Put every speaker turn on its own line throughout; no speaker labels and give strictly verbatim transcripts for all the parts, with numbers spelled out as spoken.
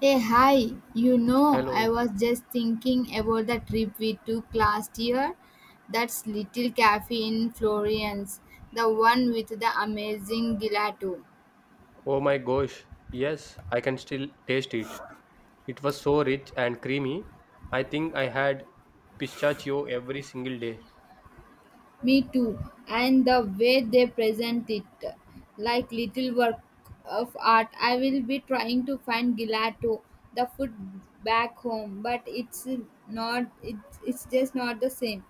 Hey, hi, you know, I
Hello.
was just thinking about the trip we took last year. That's Little Cafe in Florence, the one with the amazing gelato.
Oh my gosh. Yes, I can still taste it. It was so rich and creamy. I think I had pistachio every single day.
Me too, and the way they present it, like little work of art. I will be trying to find gelato, the food back home, but it's not, it's, it's just not the same.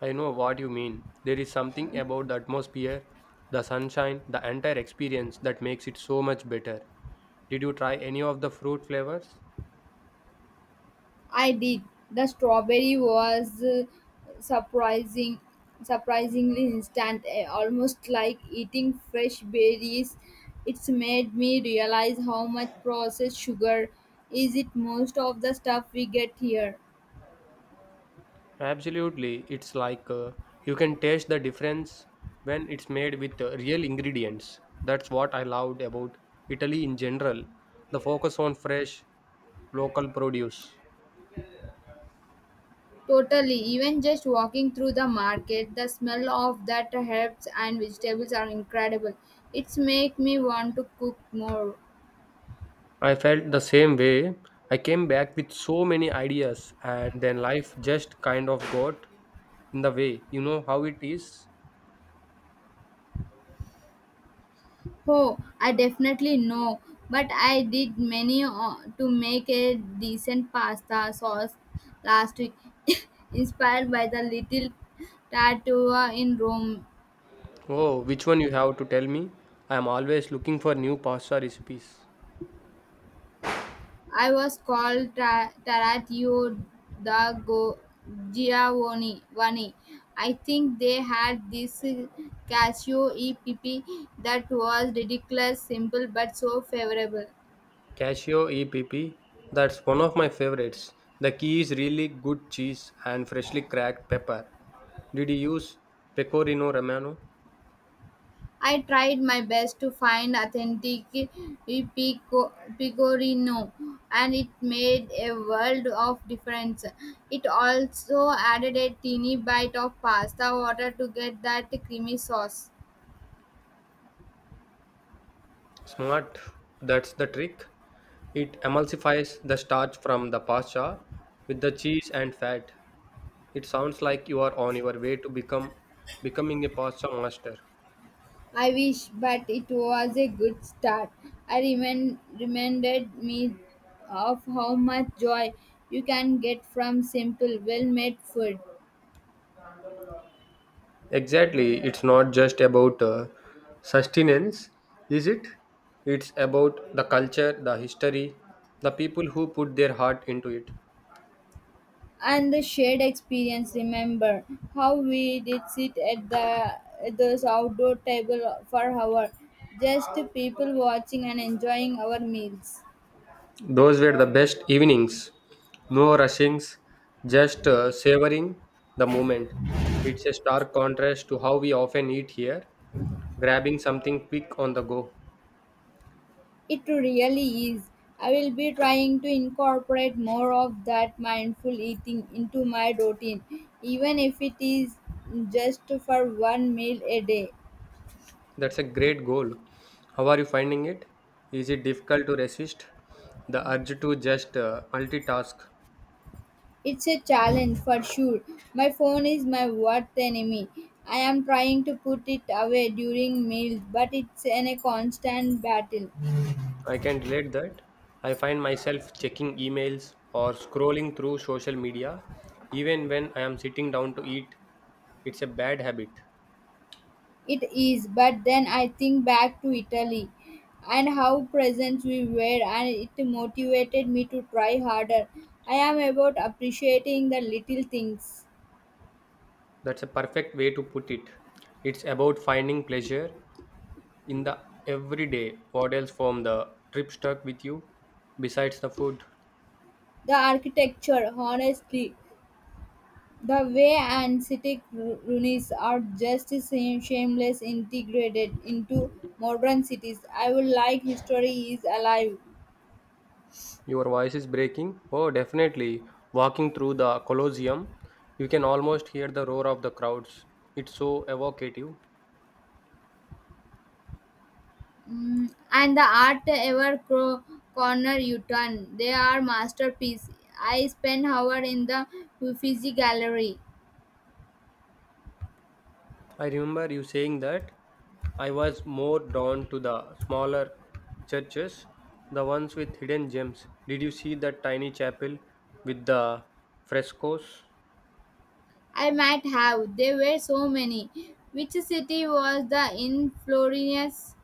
I know what you mean. There is something about the atmosphere, the sunshine, the entire experience that makes it so much better. Did you try any of the fruit flavors?
I did. The strawberry was uh, surprising, surprisingly instant, eh, almost like eating fresh berries. It's made me realize how much processed sugar is it most of the stuff we get here.
Absolutely. It's like uh, you can taste the difference when it's made with uh, real ingredients. That's what I loved about Italy in general. The focus on fresh local produce.
Totally, even just walking through the market, the smell of that herbs and vegetables are incredible. It's make me want to cook more.
I felt the same way. I came back with so many ideas and then life just kind of got in the way. You know how it is?
Oh, I definitely know, but I did many uh, to make a decent pasta sauce last week, inspired by the little tatua in Rome.
Oh, which one you have to tell me? I am always looking for new pasta recipes.
I was called tra- Taratio da Go- Giovanni. Vani. I think they had this uh, cashew E P P that was ridiculous, simple, but so favorable.
Casio E P P, that's one of my favorites. The key is really good cheese and freshly cracked pepper. Did you use pecorino romano?
I tried my best to find authentic pico, pecorino, and it made a world of difference. It also added a teeny bite of pasta water to get that creamy sauce.
Smart, that's the trick. It emulsifies the starch from the pasta with the cheese and fat. It sounds like you are on your way to become becoming a pasta master.
I wish, but it was a good start. I remind, reminded me of how much joy you can get from simple, well made food.
Exactly, it's not just about uh, sustenance, is it? It's about the culture, the history, the people who put their heart into it.
And the shared experience, remember how we did sit at the at those outdoor table for hour, just people watching and enjoying our meals.
Those were the best evenings. No rushings, just uh, savoring the moment. It's a stark contrast to how we often eat here, grabbing something quick on the go.
It really is. I will be trying to incorporate more of that mindful eating into my routine, even if it is just for one meal a day.
That's a great goal. How are you finding it? Is it difficult to resist the urge to just uh, multitask?
It's a challenge for sure. My phone is my worst enemy. I am trying to put it away during meals, but it's in a constant battle.
I can relate that. I find myself checking emails or scrolling through social media even when I am sitting down to eat. It's a bad habit.
It is, but then I think back to Italy and how present we were, and it motivated me to try harder. I am about appreciating the little things,
That's a perfect way to put it. It's about finding pleasure in the everyday. What else from the trip stuck with you besides the food?
the architecture, honestly. The way ancient ruins are just shame- shameless integrated into modern cities. I would like history is alive.
Your voice is breaking. Oh, definitely. Walking through the Colosseum, you can almost hear the roar of the crowds. It's so evocative.
Mm, and the art ever cro- corner you turn. They are masterpiece. I spent hour in the Uffizi gallery.
I remember you saying that I was more drawn to the smaller churches, the ones with hidden gems. Did you see that tiny chapel with the frescoes?
I might have. There were so many. Which city was the in Florence?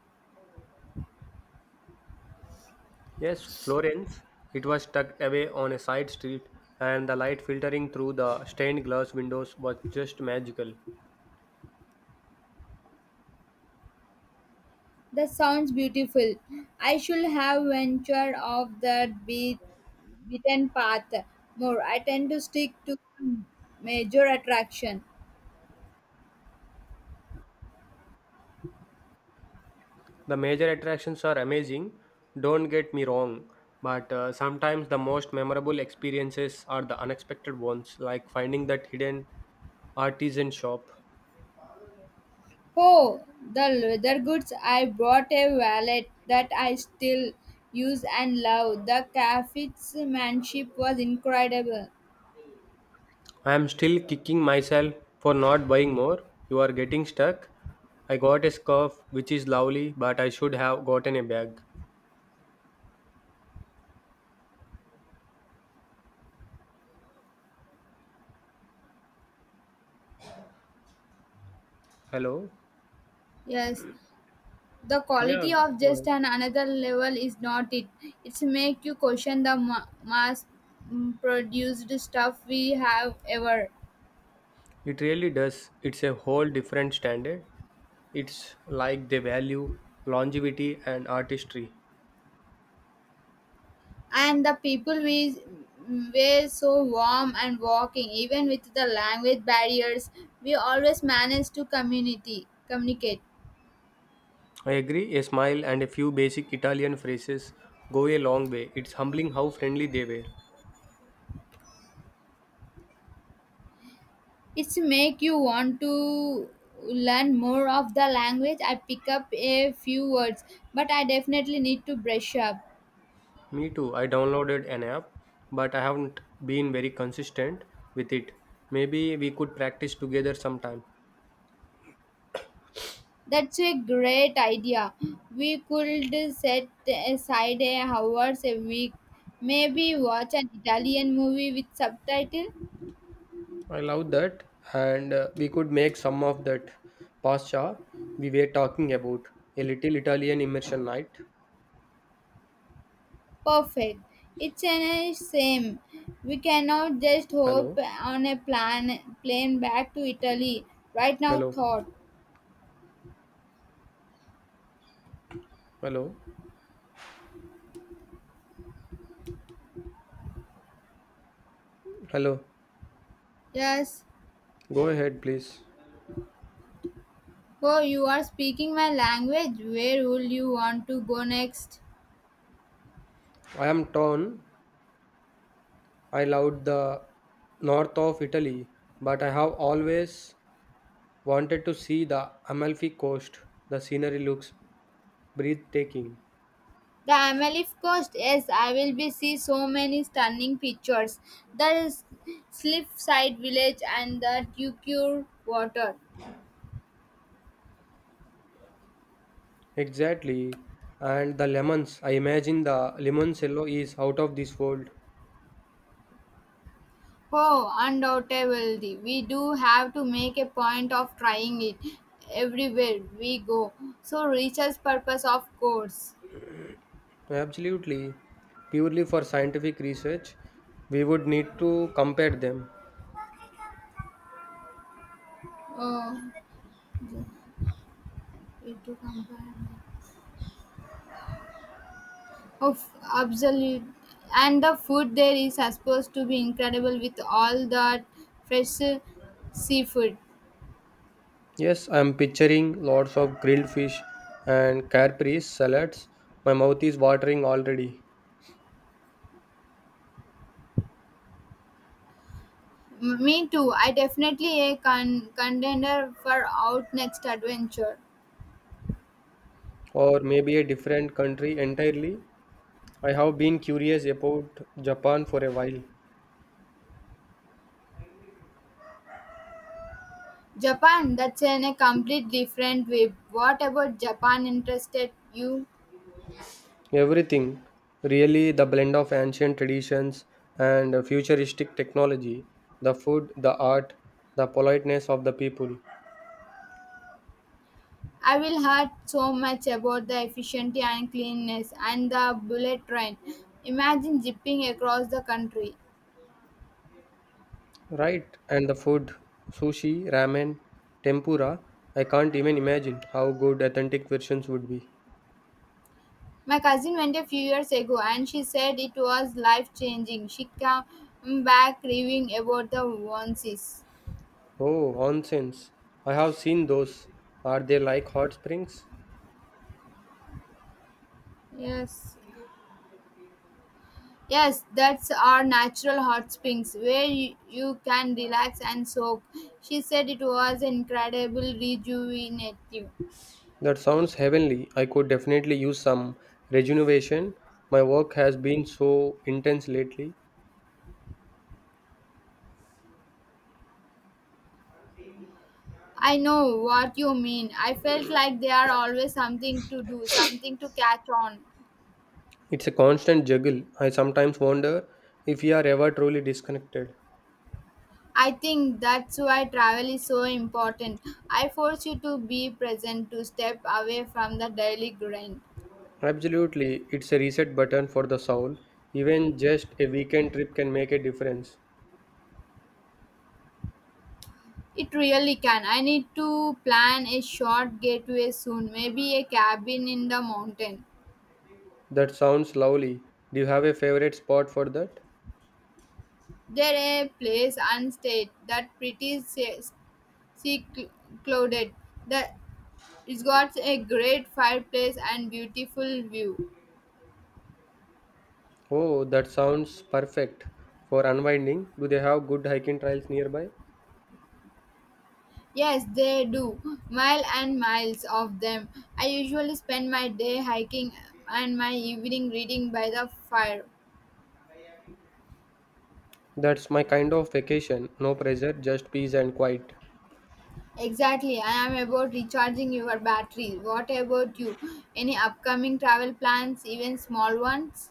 Yes, Florence. It was tucked away on a side street, and the light filtering through the stained glass windows was just magical.
That sounds beautiful. I should have ventured off that be- beaten path more. I tend to stick to major attraction.
The major attractions are amazing, don't get me wrong, but uh, sometimes the most memorable experiences are the unexpected ones, like finding that hidden Artisan shop.
Oh, the leather goods. I brought a wallet that I still use and love. The craftsmanship was incredible.
I am still kicking myself for not buying more. You are getting stuck. I got a scarf which is lovely, but I should have gotten a bag. Hello?
Yes, the
Yeah,
quality of
go
just
ahead.
an another level is not it. It's make you question the ma- mass mm, produced stuff we have ever.
It really does. It's a whole different standard. It's like they value longevity and artistry.
And the people we were so warm, and walking even with the language barriers, we always managed to community communicate.
I agree, a smile and a few basic Italian phrases go a long way. It's humbling how friendly they were.
It's make you want to learn more of the language. I pick up a few words, but I definitely need to brush up.
Me too. I downloaded an app, but I haven't been very consistent with it. Maybe we could practice together sometime.
That's a great idea. We could set aside a hours a week, maybe watch an Italian movie with subtitle.
I love that, and uh, we could make some of that pasta we were talking about. A little Italian immersion night.
Perfect. It's an uh, same. We cannot just hope
Hello,
on a plan plane back to Italy. Right now
hello,
thought.
hello, hello.
Yes.
Go ahead, please.
Oh, you are speaking my language. Where would you want to go next?
I am torn. I loved the north of Italy, but I have always wanted to see the Amalfi Coast. The scenery looks breathtaking.
The Amalfi Coast. Yes, I will be see so many stunning pictures. The Slipside Village and the Tucure Water.
Exactly. And the lemons, I imagine the lemon cello is out of this world.
Oh, undoubtedly. We do have to make a point of trying it everywhere we go. So, research purpose, of course.
Absolutely. Purely for scientific research, we would need to compare them.
Oh, it to compare. Of absolute. And the food there is supposed to be incredible with all that fresh uh, seafood.
Yes, I am picturing lots of grilled fish and caprese salads. My mouth is watering already.
M- Me too. I definitely a con- contender for out next adventure.
Or maybe a different country entirely. I have been curious about Japan for a while.
Japan? That's in a complete different way. What about Japan interested you?
Everything, really, the blend of ancient traditions and futuristic technology, the food, the art, the politeness of the people.
I will heard so much about the efficiency and cleanness and the bullet train. Imagine zipping across the country.
Right, and the food, sushi, ramen, tempura, I can't even imagine how good authentic versions would be.
My cousin went a few years ago and she said it was life changing. She came back raving about the onesies.
Oh, onsens. I have seen those. Are they like hot springs?
Yes. Yes, that's our natural hot springs where you, you can relax and soak. She said it was incredible rejuvenative.
That sounds heavenly. I could definitely use some rejuvenation. My work has been so intense lately.
I know what you mean. I felt like there are always something to do, something to catch on.
It's a constant juggle. I sometimes wonder if we are ever truly disconnected.
I think that's why travel is so important. I force you to be present, to step away from the daily grind.
Absolutely, it's a reset button for the soul. Even just a weekend trip can make a difference.
It really can. I need to plan a short getaway soon, maybe a cabin in the mountain.
That sounds lovely. Do you have a favorite spot for that?
There a place and state that pretty se- se- clouded. It's got a great fireplace and beautiful view.
Oh, that sounds perfect for unwinding. Do they have good hiking trails nearby?
Yes, they do. Mile and miles of them. I usually spend my day hiking and my evening reading by the fire.
That's my kind of vacation. No pressure, just peace and quiet.
Exactly. I am about recharging your battery. What about you? Any upcoming travel plans, even small ones?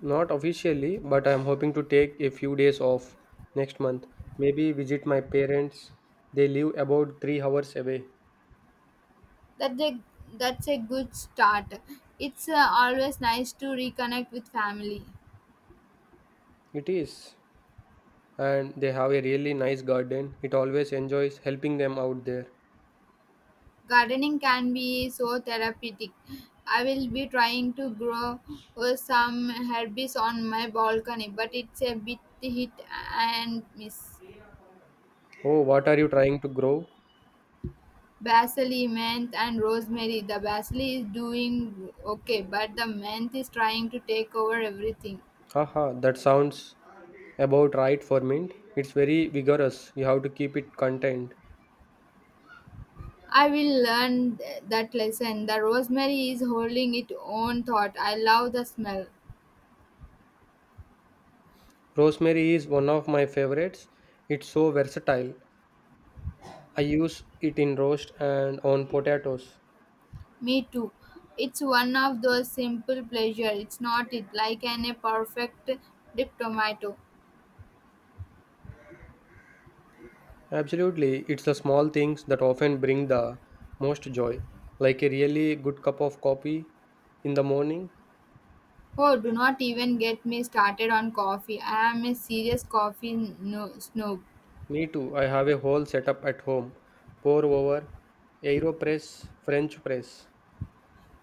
Not officially, but I'm hoping to take a few days off next month. Maybe visit my parents. They live about three hours away.
That they, that's a good start. It's uh, always nice to reconnect with family.
It is. And they have a really nice garden. It always enjoys helping them out there.
Gardening can be so therapeutic. I will be trying to grow uh, some herbs on my balcony, but it's a bit hit and miss.
Oh, what are you trying to grow?
Basil, mint, and rosemary. The basil is doing okay, but the mint is trying to take over everything.
Haha, that sounds about right for mint. It's very vigorous. You have to keep it contained.
I will learn th- that lesson. The rosemary is holding its own thought. I love the smell.
Rosemary is one of my favorites. It's so versatile. I use it in roast and on potatoes.
Me too. It's one of those simple pleasure. It's not it like an a perfect dip tomato.
Absolutely, it's the small things that often bring the most joy, like a really good cup of coffee in the morning.
Oh, do not even get me started on coffee. I am a serious coffee no- snob.
Me too, I have a whole setup at home pour over, aeropress, French press.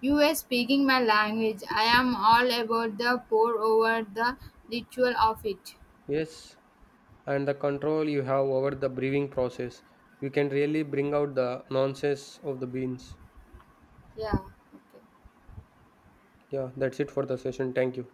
You were speaking my language. I am all about the pour over the ritual of it.
Yes, and the control you have over the brewing process. You can really bring out the nonsense of the beans.
Yeah. Okay.
Yeah, that's it for the session. Thank you.